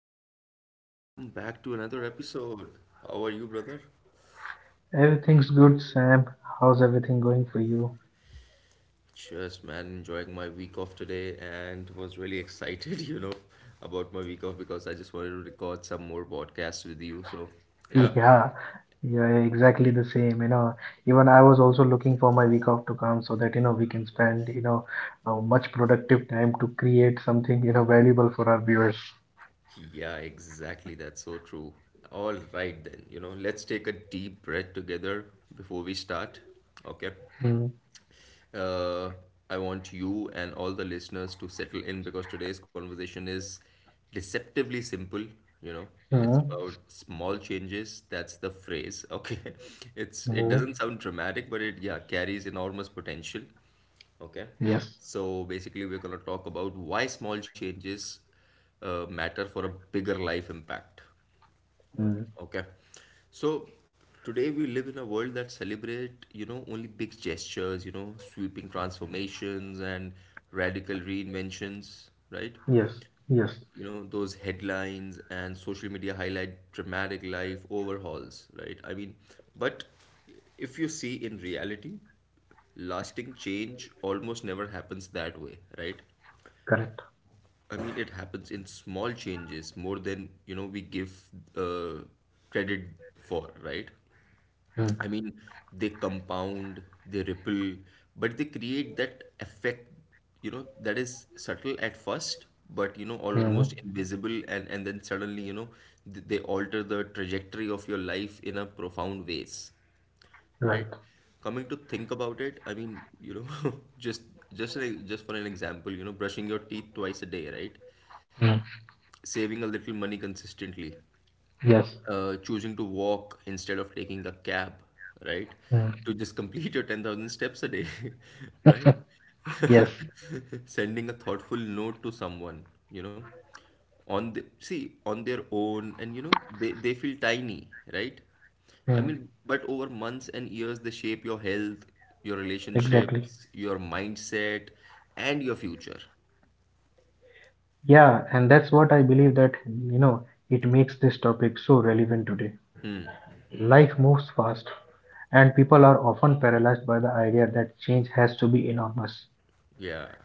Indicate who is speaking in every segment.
Speaker 1: right, Rick, welcome back to another episode. How are you, brother?
Speaker 2: Everything's good, Sam. How's everything going for you?
Speaker 1: Just man, enjoying my week off today and was really excited, about my week off because I just wanted to record some more podcasts with you. Yeah,
Speaker 2: Yeah, yeah, exactly the same. You know, even I was also looking for my week off to come so that, you know, we can spend, you know, much productive time to create something, you know, valuable for our viewers.
Speaker 1: yeah, exactly. That's so true. All right, then, let's take a deep breath together before we start. Okay.
Speaker 2: Mm,
Speaker 1: uh, I want you and all the listeners to settle in because today's conversation is deceptively simple. You know, it's
Speaker 2: mm,
Speaker 1: about small changes. That's the phrase. Okay, it
Speaker 2: mm,
Speaker 1: doesn't sound dramatic, but it yeah carries enormous potential. Okay,
Speaker 2: yes.
Speaker 1: so basically we're gonna talk about why small changes matter for a bigger life impact.
Speaker 2: mm,
Speaker 1: Okay. So today we live in a world that celebrate, you know, only big gestures, you know, sweeping transformations and radical reinventions, right?
Speaker 2: yes, yes,
Speaker 1: You know, those headlines and social media highlight dramatic life overhauls, right? I mean, but if you see in reality, lasting change almost never happens that way, right?
Speaker 2: correct.
Speaker 1: I mean, it happens in small changes more than, you know, we give uh, credit for, right? I
Speaker 2: Mm,
Speaker 1: mean, they compound, they ripple, but they create that effect, you know, that is subtle at first, but you know, almost
Speaker 2: mm,
Speaker 1: invisible, and then suddenly, they alter the trajectory of your life in a profound ways, right?
Speaker 2: right.
Speaker 1: Coming to think about it, I mean, you know, just just for an example, you know, brushing your teeth twice a day, right?
Speaker 2: Mm,
Speaker 1: Saving a little money consistently,
Speaker 2: yes.
Speaker 1: choosing to walk instead of taking a cab, right?
Speaker 2: mm,
Speaker 1: To just complete your 10,000 steps a day, right?
Speaker 2: yes.
Speaker 1: Sending a thoughtful note to someone, you know, on the see on their own, and you know, they feel tiny, right? I
Speaker 2: mm,
Speaker 1: mean, but over months and years, they shape your health, your
Speaker 2: exactly.
Speaker 1: relationships, your mindset, and your future.
Speaker 2: Yeah, and that's what I believe that, you know, it makes this topic so relevant today. Life moves fast, and people are often paralyzed by the idea that change has to be enormous.
Speaker 1: Yeah,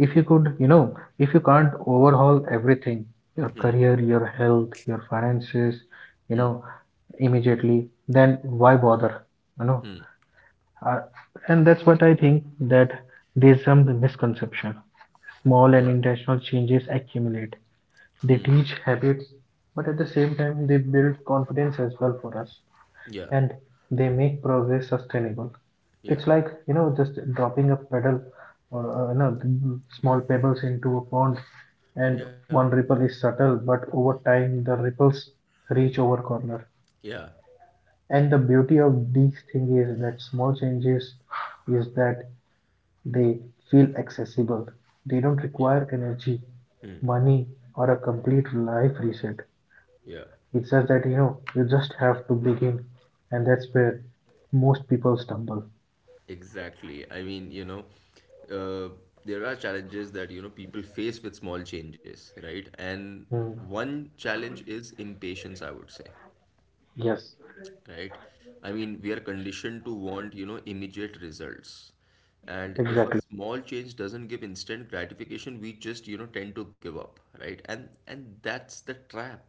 Speaker 2: If you could, you know, if you can't overhaul everything, your career, your health, your finances, you know, immediately, then why bother? You know, uh, and that's what I think, that there's some misconception. Small and
Speaker 1: yeah,
Speaker 2: intentional changes accumulate, they teach habits, but at the same time, they build confidence as well for us,
Speaker 1: yeah,
Speaker 2: and they make progress sustainable.
Speaker 1: yeah,
Speaker 2: It's like, you know, just dropping a pebble, or, you know, small pebbles into a pond, and
Speaker 1: yeah,
Speaker 2: one ripple is subtle, but over time the ripples reach over corner.
Speaker 1: yeah,
Speaker 2: And the beauty of these things is that small changes is that they feel accessible. They don't
Speaker 1: yeah,
Speaker 2: require energy, money, or a complete life reset.
Speaker 1: yeah.
Speaker 2: It's just that, you know, you just have to begin, and that's where most people stumble.
Speaker 1: Exactly. I mean, uh, there are challenges that, you know, people face with small changes, right? And
Speaker 2: Hmm.
Speaker 1: one challenge is impatience, I would say.
Speaker 2: Yes,
Speaker 1: Right? I mean, we are conditioned to want, you know, immediate results. And if a
Speaker 2: exactly.
Speaker 1: small change doesn't give instant gratification, we just, you know, tend to give up, right? And that's the trap.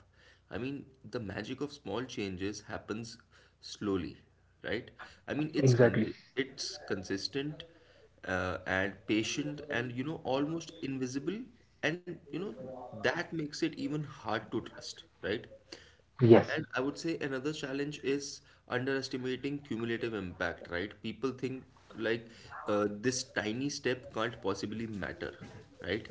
Speaker 1: I mean, the magic of small changes happens slowly, right? I mean,
Speaker 2: Exactly.
Speaker 1: it's consistent, and patient and, you know, almost invisible and, you know, that makes it even hard to trust, right?
Speaker 2: Yes,
Speaker 1: And I would say another challenge is underestimating cumulative impact, right? People think like this tiny step can't possibly matter, right?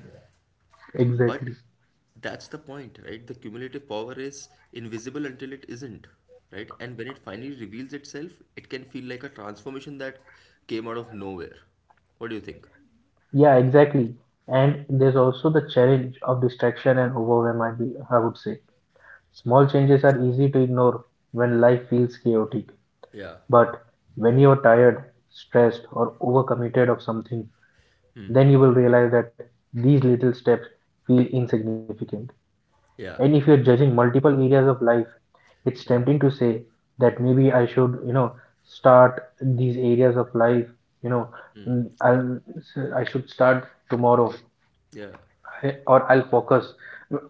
Speaker 1: But
Speaker 2: exactly.
Speaker 1: that's the point, right? The cumulative power is invisible until it isn't, right? And when it finally reveals itself, it can feel like a transformation that came out of nowhere. What do you think?
Speaker 2: Yeah, exactly. And there's also the challenge of distraction and overwhelm, I would say. Small changes are easy to ignore when life feels chaotic.
Speaker 1: Yeah,
Speaker 2: But when you're tired, stressed, or overcommitted of something, then you will realize that these little steps feel insignificant.
Speaker 1: yeah,
Speaker 2: And if you're judging multiple areas of life, it's
Speaker 1: yeah,
Speaker 2: tempting to say that maybe I should, you know, start these areas of life, you know, I should start tomorrow,
Speaker 1: yeah,
Speaker 2: or I'll focus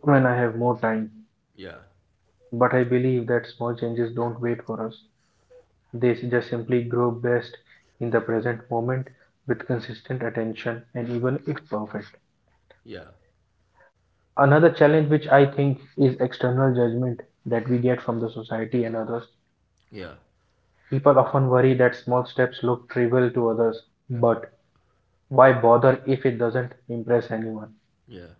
Speaker 2: when I have more time.
Speaker 1: yeah,
Speaker 2: But I believe that small changes don't wait for us. They just simply grow best in the present moment with consistent attention and even if perfect.
Speaker 1: yeah,
Speaker 2: Another challenge, which I think, is external judgment that we get from the society and others.
Speaker 1: yeah,
Speaker 2: People often worry that small steps look trivial to others, but why bother if it doesn't impress anyone?
Speaker 1: yeah,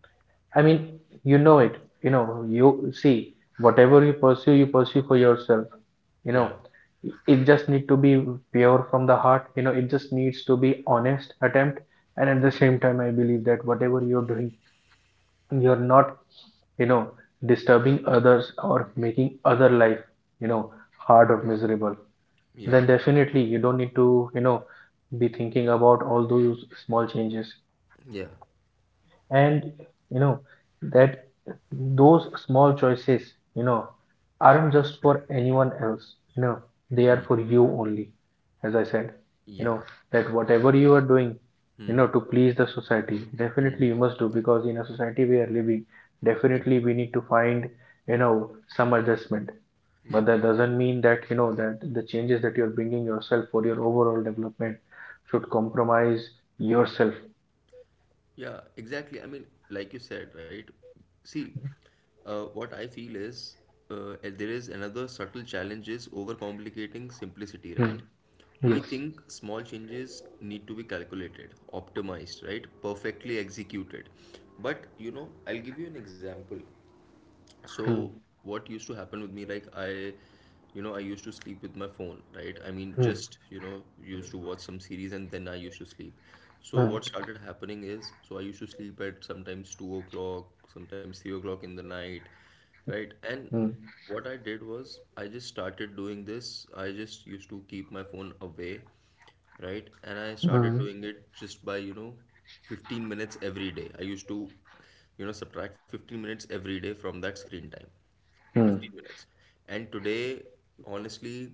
Speaker 2: I mean, you know it, you know, you see, whatever you pursue for yourself, you
Speaker 1: yeah,
Speaker 2: know. It just need to be pure from the heart, you know, it just needs to be honest attempt. And at the same time, I believe that whatever you're doing, you're not, you know, disturbing others or making other life, you know, hard or miserable,
Speaker 1: yeah,
Speaker 2: then definitely you don't need to, you know, be thinking about all those small changes.
Speaker 1: yeah.
Speaker 2: And you know that those small choices, you know, aren't just for anyone else, you know, they are for you only. As I said, you know,
Speaker 1: Yeah,
Speaker 2: that whatever you are doing, you know, to please the society, definitely you must do because in a society we are living,
Speaker 1: yeah,
Speaker 2: definitely we need to find, you know, some adjustment. But
Speaker 1: yeah,
Speaker 2: that doesn't mean that, you know, that the changes that you're bringing yourself for your overall development should compromise yourself.
Speaker 1: yeah, exactly. I mean, like you said, right? See, what I feel is, and there is another subtle challenge is overcomplicating simplicity,
Speaker 2: Hmm.
Speaker 1: right? We
Speaker 2: Yes.
Speaker 1: think small changes need to be calculated, optimized, right? Perfectly executed. But, you know, I'll give you an example.
Speaker 2: Hmm.
Speaker 1: So what used to happen with me, you know, I used to sleep with my phone, right? I mean,
Speaker 2: Hmm.
Speaker 1: just, you know, used to watch some series and then I used to sleep. So
Speaker 2: Hmm.
Speaker 1: what started happening is, so I used to sleep at sometimes 2 o'clock, sometimes 3 o'clock in the night, right? And
Speaker 2: Hmm.
Speaker 1: what I did was I just started doing this. I just used to keep my phone away, right? And I
Speaker 2: Hmm.
Speaker 1: started doing it just by, you know, 15 minutes every day. I used to you know subtract 15 minutes every day from that screen time,
Speaker 2: Hmm.
Speaker 1: 15 minutes, and today honestly,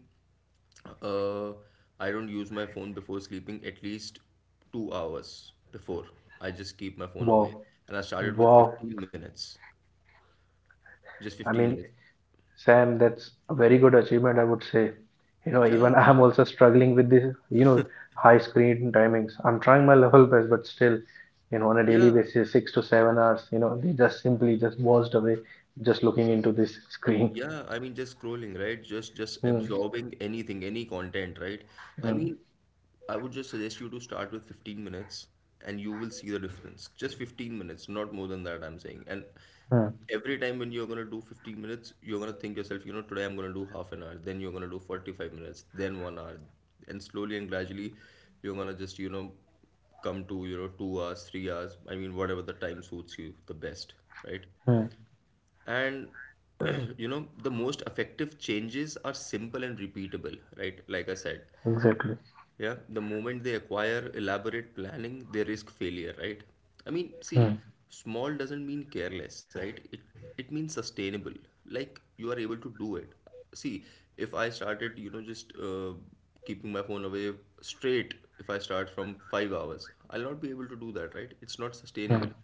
Speaker 1: uh, I don't use my phone before sleeping at least 2 hours before. I just keep my phone
Speaker 2: Wow.
Speaker 1: away. And I started with
Speaker 2: Wow.
Speaker 1: 15 minutes. Just
Speaker 2: I
Speaker 1: 15
Speaker 2: mean,
Speaker 1: minutes.
Speaker 2: Sam, that's a very good achievement, I would say. You know, even
Speaker 1: Yeah,
Speaker 2: I'm also struggling with this, you know, high screen timings. I'm trying my level best, but still, you know, on a daily
Speaker 1: yeah.
Speaker 2: basis 6 to 7 hours, you know, they just simply just washed away just looking into this screen.
Speaker 1: Yeah, I mean just scrolling, right? Just
Speaker 2: Hmm.
Speaker 1: absorbing anything, any content, right? I
Speaker 2: Hmm.
Speaker 1: mean, I would just suggest you to start with 15 minutes and you will see the difference. Just 15 minutes, not more than that, I'm saying. And
Speaker 2: Hmm.
Speaker 1: every time when you're gonna do 15 minutes, you're gonna think yourself, you know, today I'm gonna do half an hour, then you're gonna do 45 minutes, then one hour. And slowly and gradually, you're gonna just, you know, come to, you know, 2 hours, 3 hours, I mean, whatever the time suits you the best, right?
Speaker 2: mm,
Speaker 1: And you know, the most effective changes are simple and repeatable, right? Like I said,
Speaker 2: exactly.
Speaker 1: yeah, the moment they acquire elaborate planning, they risk failure, right? I mean, see,
Speaker 2: Hmm.
Speaker 1: small doesn't mean careless, right? It means sustainable. Like you are able to do it. See, if I started, you know, just, keeping my phone away straight, if I start from 5 hours, I'll not be able to do that, right? It's not
Speaker 2: Hmm.
Speaker 1: sustainable,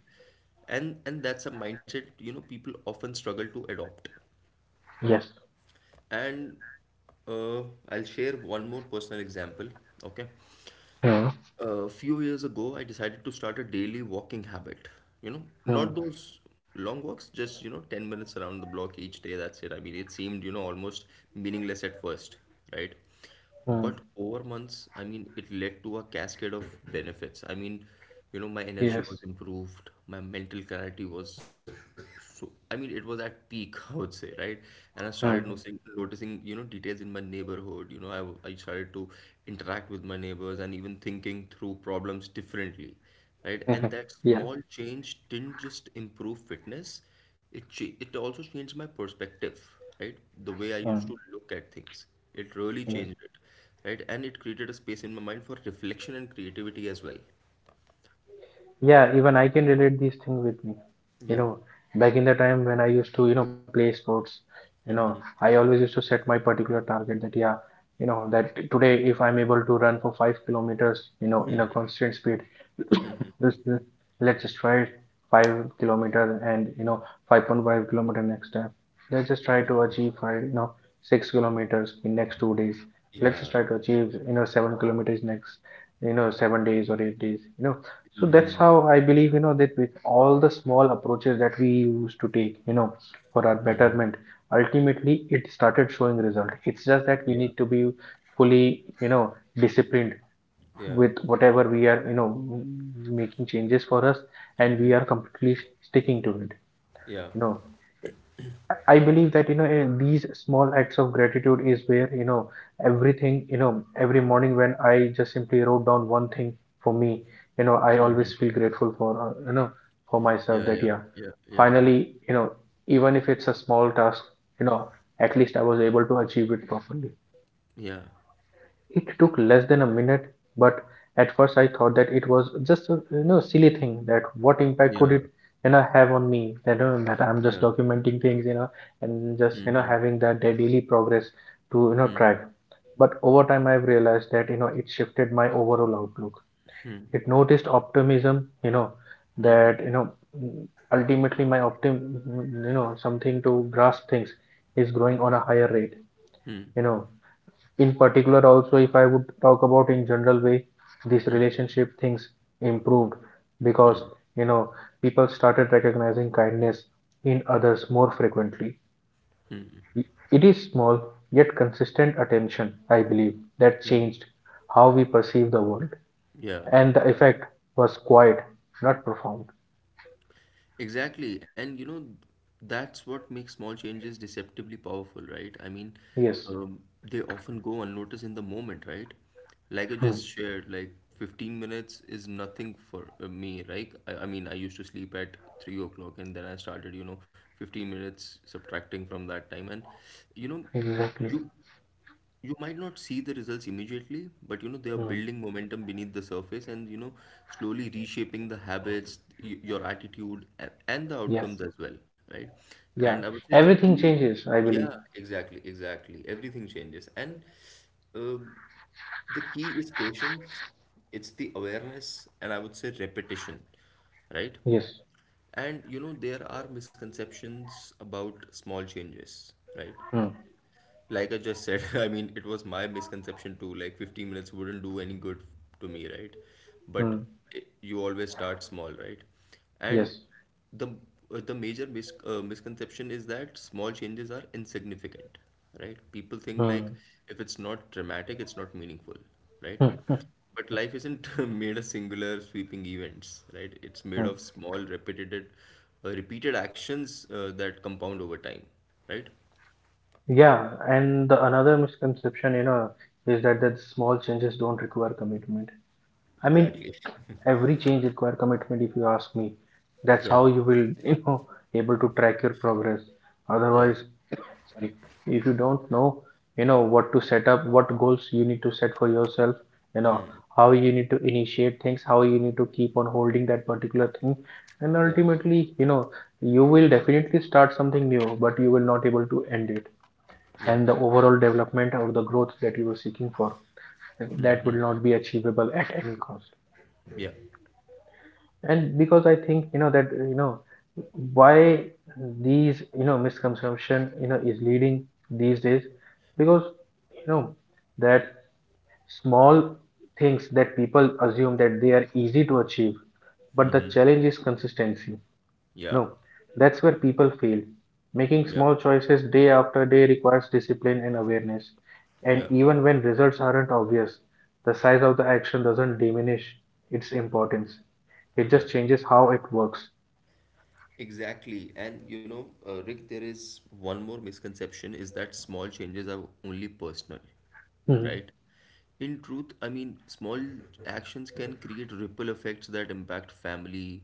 Speaker 1: and that's a mindset you know people often struggle to adopt.
Speaker 2: Yes.
Speaker 1: And uh, I'll share one more personal example. Okay,
Speaker 2: Hmm.
Speaker 1: a few years ago, I decided to start a daily walking habit. You know,
Speaker 2: Hmm.
Speaker 1: not those long walks, just, you know, 10 minutes around the block each day. That's it. I mean, it seemed, you know, almost meaningless at first, right?
Speaker 2: mm,
Speaker 1: But over months, I mean, it led to a cascade of benefits. I mean, you know, my energy
Speaker 2: yes.
Speaker 1: was improved, my mental clarity was I mean, it was at peak, I would say, right? And I started
Speaker 2: Hmm.
Speaker 1: noticing, you know, details in my neighborhood. You know, I started to interact with my neighbors and even thinking through problems differently, right? And that
Speaker 2: yeah.
Speaker 1: small change didn't just improve fitness, it also changed my perspective, right? The way I used to
Speaker 2: Hmm.
Speaker 1: look at things. It really
Speaker 2: Hmm.
Speaker 1: changed it, right? And it created a space in my mind for reflection and creativity as well.
Speaker 2: Yeah, even I can relate these things with me. You
Speaker 1: Yeah,
Speaker 2: know, back in the time when I used to, you know, play sports, you know, I always used to set my particular target that, yeah, you know, that today if I'm able to run for 5 kilometers, you know, in a constant speed, this, this, let's just try 5 kilometer and, you know, 5.5-kilometer next time. Let's just try to achieve five, you know, 6 kilometers in next 2 days. Let's just
Speaker 1: yeah,
Speaker 2: try to achieve, you know, 7 kilometers next, you know, 7 days or 8 days, you know, so that's how I believe, you know, that with all the small approaches that we used to take, you know, for our betterment, ultimately it started showing result. It's just that we
Speaker 1: yeah,
Speaker 2: need to be fully, you know, disciplined
Speaker 1: yeah,
Speaker 2: with whatever we are, you know, making changes for us, and we are completely sticking to it,
Speaker 1: yeah.
Speaker 2: you know. I believe that, you know, these small acts of gratitude is where, you know, everything, you know, every morning when I just simply wrote down one thing for me, you know, I always feel grateful for, you know, for myself,
Speaker 1: Yeah,
Speaker 2: that,
Speaker 1: yeah,
Speaker 2: yeah,
Speaker 1: yeah, yeah, yeah,
Speaker 2: finally, you know, even if it's a small task, you know, at least I was able to achieve it properly.
Speaker 1: yeah,
Speaker 2: It took less than a minute, but at first I thought that it was just a, you know, silly thing, that what impact could
Speaker 1: yeah,
Speaker 2: it, you know, have on me, that that I'm
Speaker 1: yeah.
Speaker 2: just documenting things, you know, and just, you know,
Speaker 1: Mm-hmm,
Speaker 2: having that daily progress to, you know, track.
Speaker 1: mm-hmm,
Speaker 2: But over time I've realized that, you know, it shifted my overall outlook. It noticed optimism, you know,
Speaker 1: mm-hmm,
Speaker 2: that, you know, mm, ultimately my you know, something to grasp things is growing on a higher rate. You know, in particular also, if I would talk about in general way, this
Speaker 1: mm-hmm.
Speaker 2: relationship things improved because,
Speaker 1: Mm-hmm.
Speaker 2: you know, people started recognizing kindness in others more frequently. It is small yet consistent attention, I believe, that changed how we perceive the world,
Speaker 1: Yeah,
Speaker 2: and the effect was quiet, not profound.
Speaker 1: exactly. And you know, that's what makes small changes deceptively powerful, right? I mean,
Speaker 2: Yes.
Speaker 1: they often go unnoticed in the moment, right? Like I
Speaker 2: Hmm.
Speaker 1: just shared, like 15 minutes is nothing for, me. I mean, I used to sleep at 3 o'clock and then I started, you know, 15 minutes subtracting from that time. And, you know,
Speaker 2: Exactly.
Speaker 1: you you might not see the results immediately, but you know they are
Speaker 2: Hmm.
Speaker 1: building momentum beneath the surface and you know slowly reshaping the habits, your attitude, and the
Speaker 2: Yes.
Speaker 1: outcomes as well, right? And I
Speaker 2: Yeah,
Speaker 1: would say the
Speaker 2: everything
Speaker 1: key,
Speaker 2: changes, I
Speaker 1: yeah,
Speaker 2: believe.
Speaker 1: exactly. Everything changes, and uh, the key is patience. It's the awareness, and I would say repetition, right?
Speaker 2: Yes.
Speaker 1: And you know there are misconceptions about small changes, right?
Speaker 2: Hmm.
Speaker 1: Like I just said, I mean, it was my misconception too. Like 15 minutes wouldn't do any good to me, right? But
Speaker 2: Hmm.
Speaker 1: it, you always start small, right? And
Speaker 2: Yes.
Speaker 1: the the major misconception is that small changes are insignificant, right? People think like
Speaker 2: Hmm.
Speaker 1: if it's not dramatic, it's not meaningful, right?
Speaker 2: Hmm.
Speaker 1: But life isn't made of singular sweeping events, right? It's made
Speaker 2: Hmm.
Speaker 1: of small, repeated actions that compound over time, right?
Speaker 2: Yeah, and the another misconception, you know, is that that small changes don't require commitment. I mean,
Speaker 1: Exactly.
Speaker 2: every change require commitment if you ask me. That's how
Speaker 1: Yeah,
Speaker 2: you will, you know, able to track your progress.
Speaker 1: yeah,
Speaker 2: Otherwise, sorry, if you don't know, you know, what to set up, what goals you need to set for yourself, you know, how you need to initiate things, how you need to keep on holding that particular thing, and
Speaker 1: yeah,
Speaker 2: ultimately, you know, you will definitely start something new, but you will not able to end it,
Speaker 1: yeah,
Speaker 2: and the overall development or the growth that you were seeking for, that will not be achievable at any cost.
Speaker 1: yeah.
Speaker 2: And because I think, you know, that, you know, why these, you know, misconception, you know, is leading these days, because, you know, that small things that people assume that they are easy to achieve, but the
Speaker 1: Mm-hmm.
Speaker 2: challenge is consistency.
Speaker 1: Yeah,
Speaker 2: No, that's where people fail. Making
Speaker 1: yeah,
Speaker 2: small choices day after day requires discipline and awareness. And
Speaker 1: yeah,
Speaker 2: even when results aren't obvious, the size of the action doesn't diminish its importance. It
Speaker 1: yeah.
Speaker 2: just changes how it works.
Speaker 1: Exactly. And you know, Rick, there is one more misconception is that small changes are only personal,
Speaker 2: Hmm.
Speaker 1: right? In truth, I mean, small actions can create ripple effects that impact family,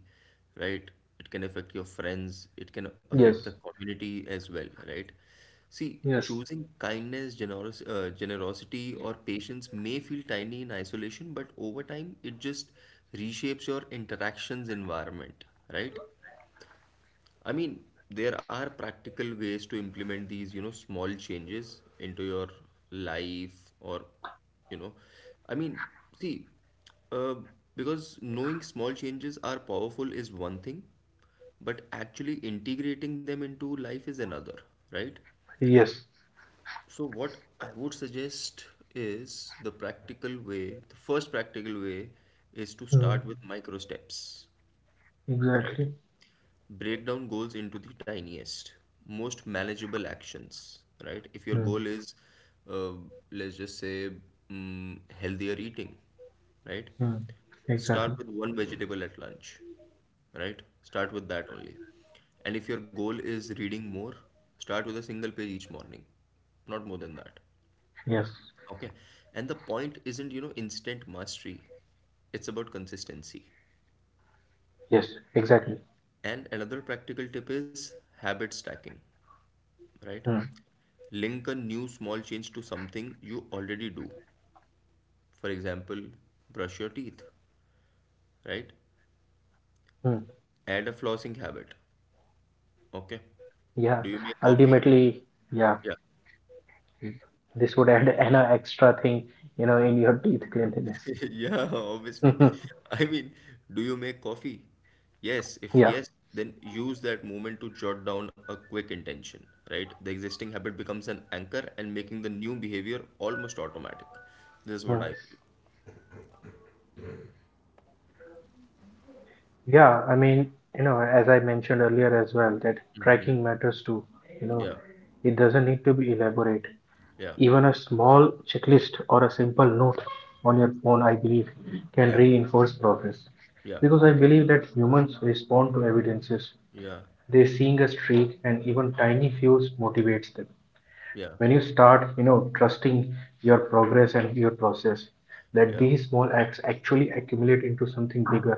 Speaker 1: right? It can affect your friends, it can affect the
Speaker 2: Yes.
Speaker 1: community as well, right? See,
Speaker 2: Yes.
Speaker 1: choosing kindness, generous generosity, or patience may feel tiny in isolation, but over time, it just reshapes your interactions environment, right? I mean, there are practical ways to implement these, you know, small changes into your life or, you know, I mean, see, uh, because knowing small changes are powerful is one thing, but actually integrating them into life is another, right?
Speaker 2: Yes.
Speaker 1: So, what I would suggest is the practical way, the first practical way is to
Speaker 2: Hmm.
Speaker 1: start with micro steps, right?
Speaker 2: Exactly.
Speaker 1: Break down goals into the tiniest most manageable actions, right? If your
Speaker 2: Hmm.
Speaker 1: goal is, uh, let's just say healthier eating, right?
Speaker 2: Hmm. Exactly.
Speaker 1: Start with one vegetable at lunch, right? Start with that only. And if your goal is reading more, start with a single page each morning, not more than that.
Speaker 2: Yes.
Speaker 1: Okay. And the point isn't you know instant mastery, it's about consistency.
Speaker 2: Yes, exactly.
Speaker 1: And another practical tip is habit stacking, right?
Speaker 2: Hmm.
Speaker 1: Link a new small change to something you already do. For example, brush your teeth, right?
Speaker 2: Hmm.
Speaker 1: Add a flossing habit. Okay. Do
Speaker 2: Yeah,
Speaker 1: you make coffee?
Speaker 2: ultimately, yeah.
Speaker 1: Yeah.
Speaker 2: Hmm. This would add an extra thing, you know, in your teeth cleanliness.
Speaker 1: Yeah, obviously.
Speaker 2: Mhm.
Speaker 1: I mean, do you make coffee? Yes. If
Speaker 2: Yeah.
Speaker 1: yes, then use that moment to jot down a quick intention, right? The existing habit becomes an anchor and making the new behavior almost automatic. This is what
Speaker 2: Mm.
Speaker 1: I feel.
Speaker 2: Yeah. I mean, you know, as I mentioned earlier as well, that
Speaker 1: Hmm?
Speaker 2: tracking matters too. You know,
Speaker 1: Yeah.
Speaker 2: it doesn't need to be elaborate.
Speaker 1: Yeah.
Speaker 2: Even a small checklist or a simple note on your phone, I believe, can
Speaker 1: Yeah.
Speaker 2: reinforce progress.
Speaker 1: Yeah.
Speaker 2: Because I believe that humans respond to evidences.
Speaker 1: Yeah.
Speaker 2: They seeing a streak and even tiny fuels motivates them.
Speaker 1: Yeah.
Speaker 2: When you start, you know, trusting your progress and your process, that
Speaker 1: Yeah.
Speaker 2: these small acts actually accumulate into something bigger.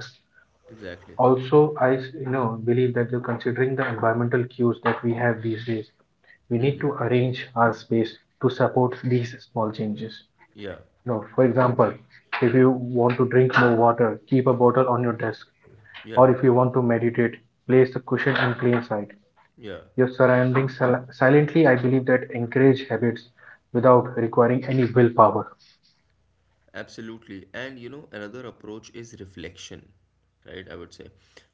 Speaker 1: Exactly.
Speaker 2: Also, I, you know, believe that, considering the environmental cues that we have these days, we
Speaker 1: Hmm.
Speaker 2: need to arrange our space to support these small changes.
Speaker 1: Yeah.
Speaker 2: You know, for example, if you want to drink more water, keep a bottle on your desk,
Speaker 1: Yeah.
Speaker 2: or if you want to meditate, place a cushion in plain sight.
Speaker 1: Yeah.
Speaker 2: Your surroundings silently, I believe, that encourage habits without requiring any willpower.
Speaker 1: Absolutely. And another approach is reflection, right? I would say.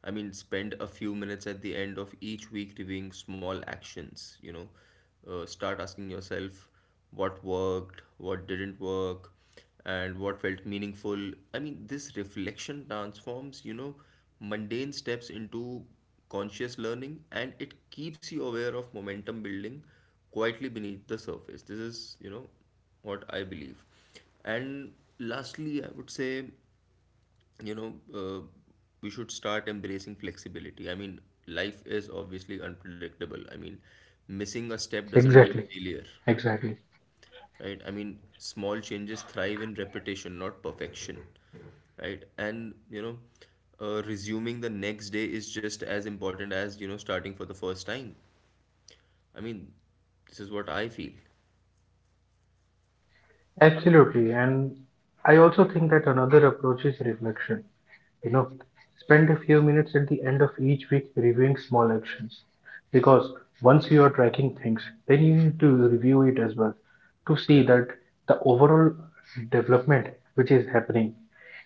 Speaker 1: Spend a few minutes at the end of each week reviewing small actions. Start asking yourself what worked, what didn't work, and what felt meaningful. This reflection transforms mundane steps into conscious learning, and it keeps you aware of momentum building quietly beneath the surface. This is what I believe. And lastly, I would say, you know, uh, we should start embracing flexibility. Life is obviously unpredictable. Missing a step doesn't mean
Speaker 2: Exactly.
Speaker 1: failure,
Speaker 2: Exactly.
Speaker 1: right? Small changes thrive in repetition, not perfection, right? And resuming the next day is just as important as starting for the first time. I mean, this is what I feel.
Speaker 2: Absolutely. And I also think that another approach is reflection. You know, spend a few minutes at the end of each week reviewing small actions, because once you are tracking things, then you need to review it as well to see
Speaker 1: Yeah,
Speaker 2: that the overall development which is happening,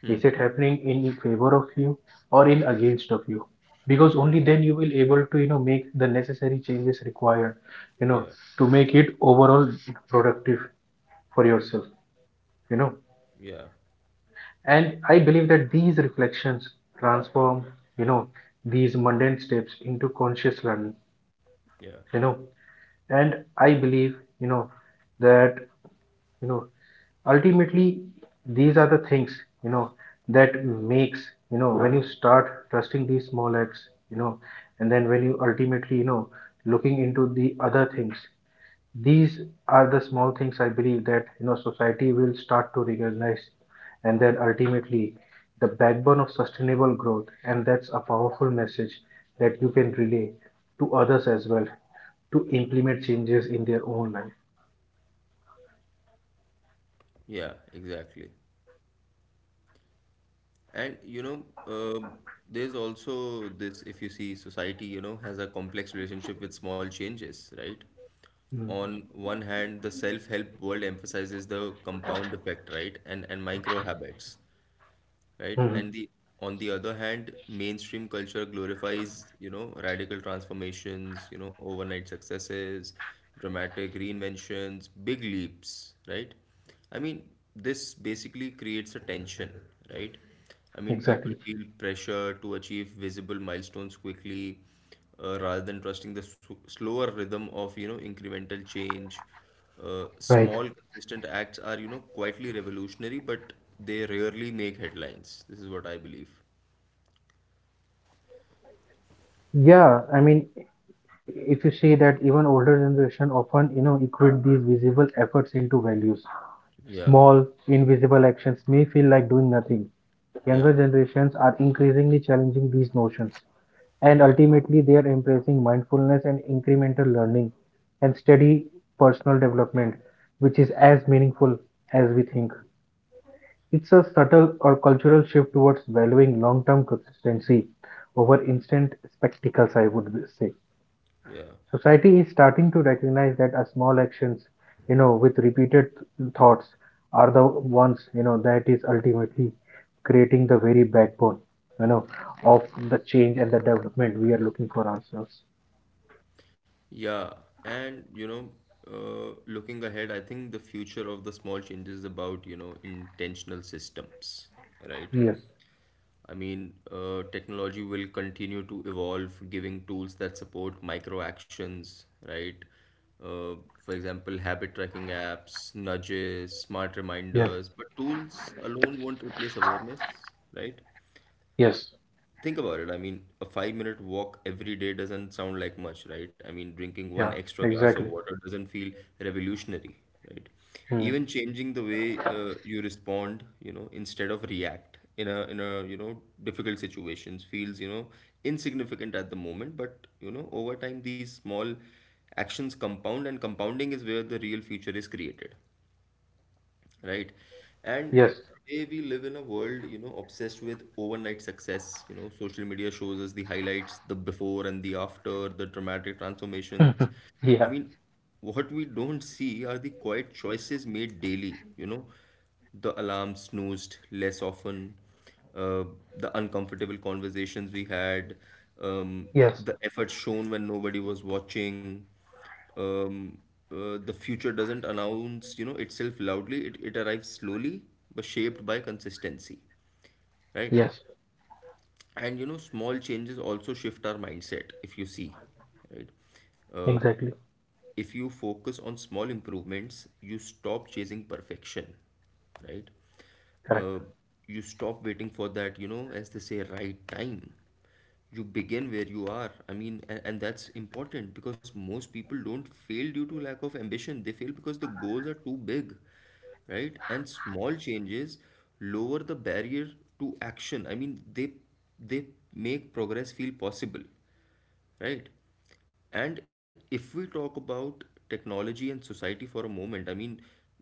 Speaker 2: is it happening in favor of you or in against of you, because only then you will able to, you know, make the necessary changes required, you know,
Speaker 1: yeah,
Speaker 2: to make it overall productive for yourself, you know.
Speaker 1: yeah,
Speaker 2: And I believe that these reflections transform, you know, these mundane steps into conscious learning,
Speaker 1: yeah,
Speaker 2: you know. And I believe, you know, that, you know, ultimately these are the things, you know, that makes when you start trusting these small acts, you know, and then when you ultimately looking into the other things, these are the small things I believe that society will start to recognize, and then ultimately the backbone of sustainable growth, and that's a powerful message that you can relay to others as well to implement changes in their own life.
Speaker 1: yeah, exactly. And there's also this. If you see, society, you know, has a complex relationship with small changes, right?
Speaker 2: Mm.
Speaker 1: On one hand, the self-help world emphasizes the compound effect, right? And micro habits, right?
Speaker 2: Mhm.
Speaker 1: And the on the other hand, mainstream culture glorifies, you know, radical transformations, you know, overnight successes, dramatic reinventions, big leaps, right? I mean, this basically creates a tension, right? People
Speaker 2: Exactly.
Speaker 1: feel pressure to achieve visible milestones quickly, rather than trusting the s slower rhythm of, you know, incremental change.
Speaker 2: Right.
Speaker 1: Small, consistent acts are, you know, quietly revolutionary, but they rarely make headlines. This is what I believe.
Speaker 2: Yeah, I mean, if you say that even older generation often equate these visible efforts into values.
Speaker 1: Yeah,
Speaker 2: Small, invisible actions may feel like doing nothing. Younger
Speaker 1: yeah,
Speaker 2: generations are increasingly challenging these notions, and
Speaker 1: yeah,
Speaker 2: ultimately, they are embracing mindfulness and incremental learning and steady personal development, which is as meaningful as we think. It's a subtle or cultural shift towards valuing long term consistency over instant spectacles, I would say.
Speaker 1: yeah,
Speaker 2: Society is starting to recognize that a small actions with repeated thoughts are the ones that is ultimately creating the very backbone, you know, of the change and the development we are looking for ourselves.
Speaker 1: yeah. And, you know, looking ahead, I think the future of the small changes is about, you know, intentional systems, right?
Speaker 2: Yes.
Speaker 1: I mean, technology will continue to evolve, giving tools that support micro actions, right? Uh, for example, habit tracking apps, nudges, smart
Speaker 2: Yes,
Speaker 1: reminders, but tools alone won't replace awareness, right?
Speaker 2: yes,
Speaker 1: Think about it. A 5-minute walk every day doesn't sound like much, right? Drinking one
Speaker 2: yeah,
Speaker 1: extra glass of
Speaker 2: exactly.
Speaker 1: water doesn't feel revolutionary, right?
Speaker 2: Hmm.
Speaker 1: Even changing the way you respond, you know, instead of react in a you know difficult situations feels you know insignificant at the moment, but you know over time these small actions compound, and compounding is where the real future is created, right? And
Speaker 2: Yes,
Speaker 1: today we live in a world, you know, obsessed with overnight success. You know, social media shows us the highlights, the before and the after, the dramatic transformations. I
Speaker 2: yeah.
Speaker 1: mean, what we don't see are the quiet choices made daily, you know, the alarm snoozed less often, uh, the uncomfortable conversations we had, um,
Speaker 2: Yes.
Speaker 1: the effort shown when nobody was watching. Um, the future doesn't announce, you know, itself loudly. It arrives slowly, but shaped by consistency, right?
Speaker 2: Yes.
Speaker 1: And you know, small changes also shift our mindset, if you see, right? Uh,
Speaker 2: Exactly.
Speaker 1: if you focus on small improvements, you stop chasing perfection, right?
Speaker 2: Correct.
Speaker 1: Uh, you stop waiting for that, you know, as they say, right time. You begin where you are. I mean, and that's important because most people don't fail due to lack of ambition. They fail because the goals are too big, right? And small changes lower the barrier to action. They make progress feel possible, right? And if we talk about technology and society for a moment, I mean,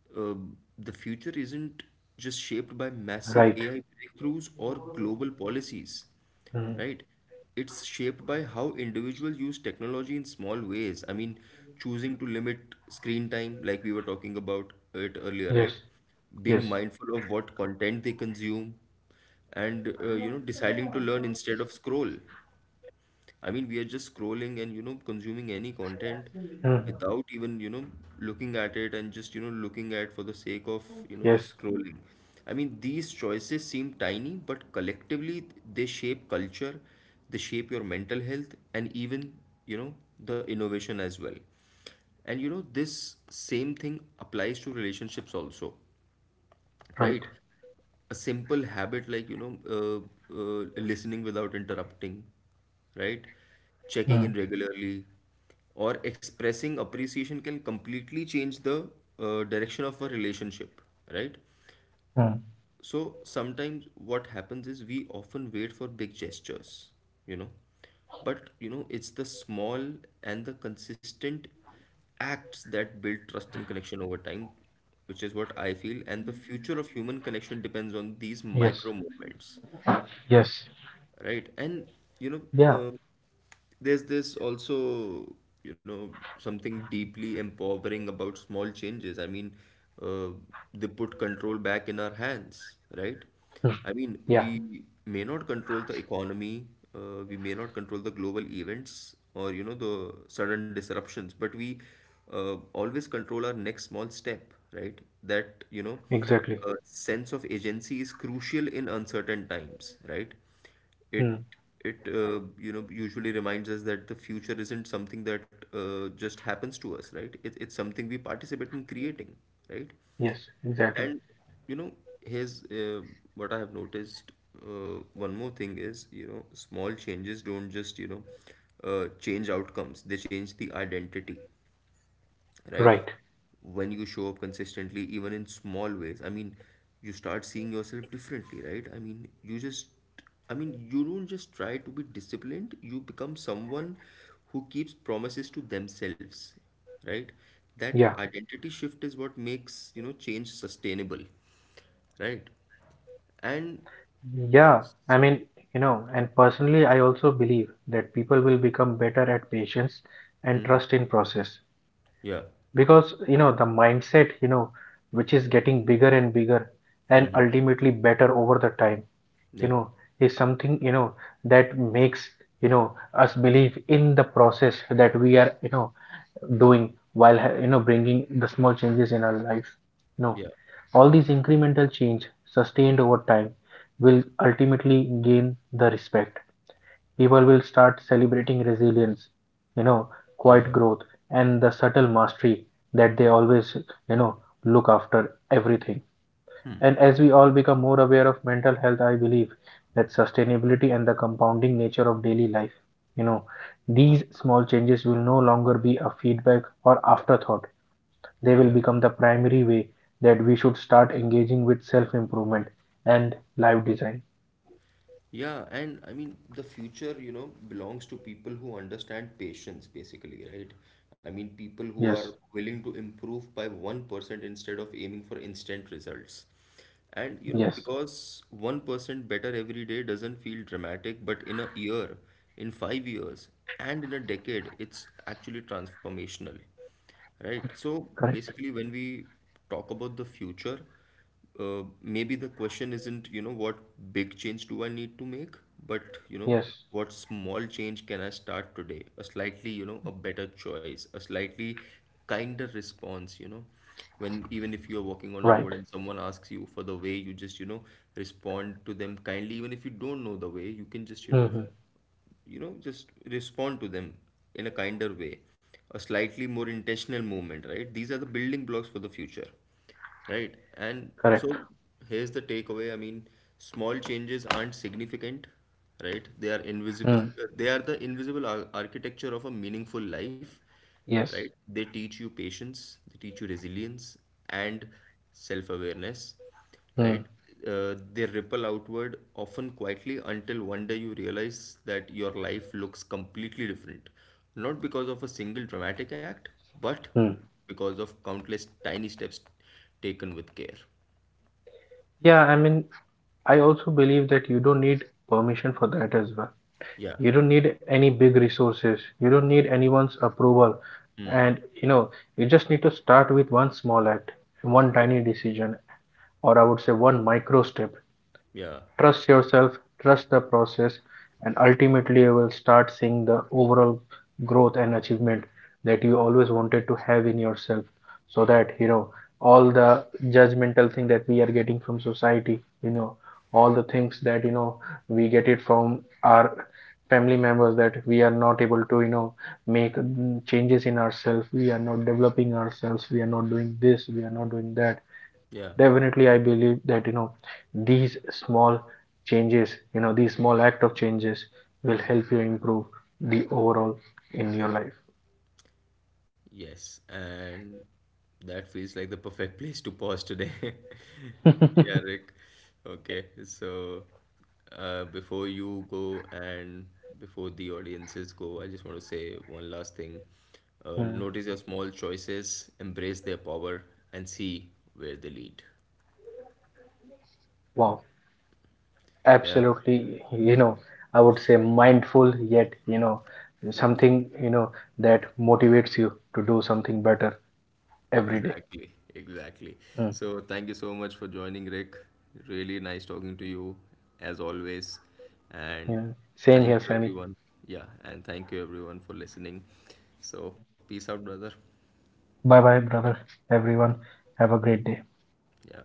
Speaker 1: uh, the future isn't just shaped by massive
Speaker 2: Right.
Speaker 1: AI breakthroughs or global policies,
Speaker 2: Mm.
Speaker 1: right? It's shaped by how individuals use technology in small ways. Choosing to limit screen time, like we were talking about it earlier,
Speaker 2: Yes,
Speaker 1: right?
Speaker 2: yes,
Speaker 1: Being mindful of what content they consume, and you know, deciding to learn instead of scroll. We are just scrolling and, you know, consuming any content
Speaker 2: mhm.
Speaker 1: without even, you know, looking at it and just, you know, looking at for the sake of, you know,
Speaker 2: Yes,
Speaker 1: just scrolling. These choices seem tiny, but collectively they shape culture, they shape your mental health, and even, you know, the innovation as well. And you know, this same thing applies to relationships also,
Speaker 2: right.
Speaker 1: right? A simple habit like, you know, listening without interrupting, right? Checking in
Speaker 2: Mm.
Speaker 1: regularly or expressing appreciation can completely change the direction of a relationship, right?
Speaker 2: Mm.
Speaker 1: So sometimes what happens is we often wait for big gestures, you know, but you know, it's the small and the consistent acts that build trust and connection over time, which is what I feel. And the future of human connection depends on these
Speaker 2: Yes.
Speaker 1: micro movements,
Speaker 2: Yes,
Speaker 1: right? And you know,
Speaker 2: yeah.
Speaker 1: uh, there's this also, you know, something deeply empowering about small changes. I mean, uh, they put control back in our hands, right?
Speaker 2: Hmm. Yeah,
Speaker 1: We may not control the economy, we may not control the global events or, you know, the sudden disruptions, but we always control our next small step, right? That, you know,
Speaker 2: exactly.
Speaker 1: uh, sense of agency is crucial in uncertain times, right? It
Speaker 2: Mm,
Speaker 1: it you know usually reminds us that the future isn't something that just happens to us, right? It's something we participate in creating, right?
Speaker 2: yes, exactly.
Speaker 1: And you know, here's what I have noticed. One more thing is, you know, small changes don't just you know change outcomes; they change the identity, right?
Speaker 2: Right.
Speaker 1: When you show up consistently even in small ways, I mean, you start seeing yourself differently, right? I mean, you don't just try to be disciplined, you become someone who keeps promises to themselves, right? That
Speaker 2: Yeah.
Speaker 1: identity shift is what makes you know change sustainable, right? And
Speaker 2: Yeah. I
Speaker 1: see,
Speaker 2: mean
Speaker 1: yeah,
Speaker 2: and personally, I also believe that people will become better at patience and trust in process
Speaker 1: yeah,
Speaker 2: because the mindset which is getting bigger and bigger and
Speaker 1: hmm,
Speaker 2: ultimately better over the time, you
Speaker 1: yeah,
Speaker 2: know, is something that makes us believe in the process that we are doing while bringing the small changes in our life, no?
Speaker 1: yeah,
Speaker 2: All these incremental change sustained over time will ultimately gain the respect. People will start celebrating resilience, you know
Speaker 1: yeah,
Speaker 2: quiet growth and the subtle mastery that they always, you know look after everything. And as we all become more aware of mental health, I believe that sustainability and the compounding nature of daily life, you know, these small changes will no longer be a feedback or afterthought. They will
Speaker 1: yeah.
Speaker 2: become the primary way that we should start engaging with self improvement and life design.
Speaker 1: Yeah, and the future, you know, belongs to people who understand patience, basically, right? People who are
Speaker 2: Yes,
Speaker 1: willing to improve by 1% instead of aiming for instant results. And, you know,
Speaker 2: yes,
Speaker 1: because 1% better every day doesn't feel dramatic, but in a year, in 5 years, and in a decade, it's actually transformational. Right. So
Speaker 2: correct.
Speaker 1: basically, when we talk about the future, maybe the question isn't, you know, what big change do I need to make, but, you know,
Speaker 2: Yes,
Speaker 1: what small change can I start today? A slightly, you know, a better choice, a slightly kinder response, you know. When even if you're walking on a road
Speaker 2: right.
Speaker 1: and someone asks you for the way, you just, you know, respond to them kindly. Even if you don't know the way, you can just,
Speaker 2: Hmm.
Speaker 1: you know just respond to them in a kinder way, a slightly more intentional movement, right? These are the building blocks for the future, right? And
Speaker 2: Correct.
Speaker 1: so here's the takeaway. I mean, small changes aren't significant, right? They are invisible,
Speaker 2: Mm.
Speaker 1: they are the invisible architecture of a meaningful life, right?
Speaker 2: Yes.
Speaker 1: They teach you patience, they teach you resilience and self-awareness, right?
Speaker 2: Mm.
Speaker 1: They ripple outward, often quietly, until one day you realize that your life looks completely different. Not because of a single dramatic act, but
Speaker 2: Mm.
Speaker 1: because of countless tiny steps taken with care.
Speaker 2: Yeah, I mean, I also believe that you don't need permission for that as well.
Speaker 1: Yeah.
Speaker 2: You don't need any big resources, you don't need
Speaker 1: True.
Speaker 2: anyone's approval, and you just need to start with one small act, one
Speaker 1: Yeah.
Speaker 2: tiny decision, or I would say one micro step.
Speaker 1: Yeah.
Speaker 2: Trust yourself, trust the process, and ultimately you will start seeing the overall growth and achievement that you always wanted to have in yourself. So
Speaker 1: Yeah.
Speaker 2: that all the judgmental thing that we are getting from society all the things that we get it from our family members that we are not able to make changes in ourselves, we are not developing ourselves, we are not doing this, we are not doing that.
Speaker 1: Yeah.
Speaker 2: Definitely, I believe that these small changes, these small act of changes will help you improve the overall in your life.
Speaker 1: Yes, and that feels like the perfect place to pause today. Yeah, Rick. Okay, so before you go and before the audiences go, I just want to say one last thing.
Speaker 2: Hmm.
Speaker 1: Notice your small choices, embrace their power, and see where they lead.
Speaker 2: Wow,
Speaker 1: Yeah.
Speaker 2: absolutely. I would say mindful yet, something, you know that motivates you to do something better every day.
Speaker 1: Exactly, exactly.
Speaker 2: Hmm.
Speaker 1: So thank you so much for joining, Rick. Really nice talking to you as always.
Speaker 2: you
Speaker 1: And
Speaker 2: know Same here,
Speaker 1: thank you
Speaker 2: Sammy.
Speaker 1: everyone. Yeah, and thank you everyone for listening. So peace out, brother.
Speaker 2: Bye bye, brother.
Speaker 1: Bye.
Speaker 2: Everyone, have a great day.
Speaker 1: Yeah.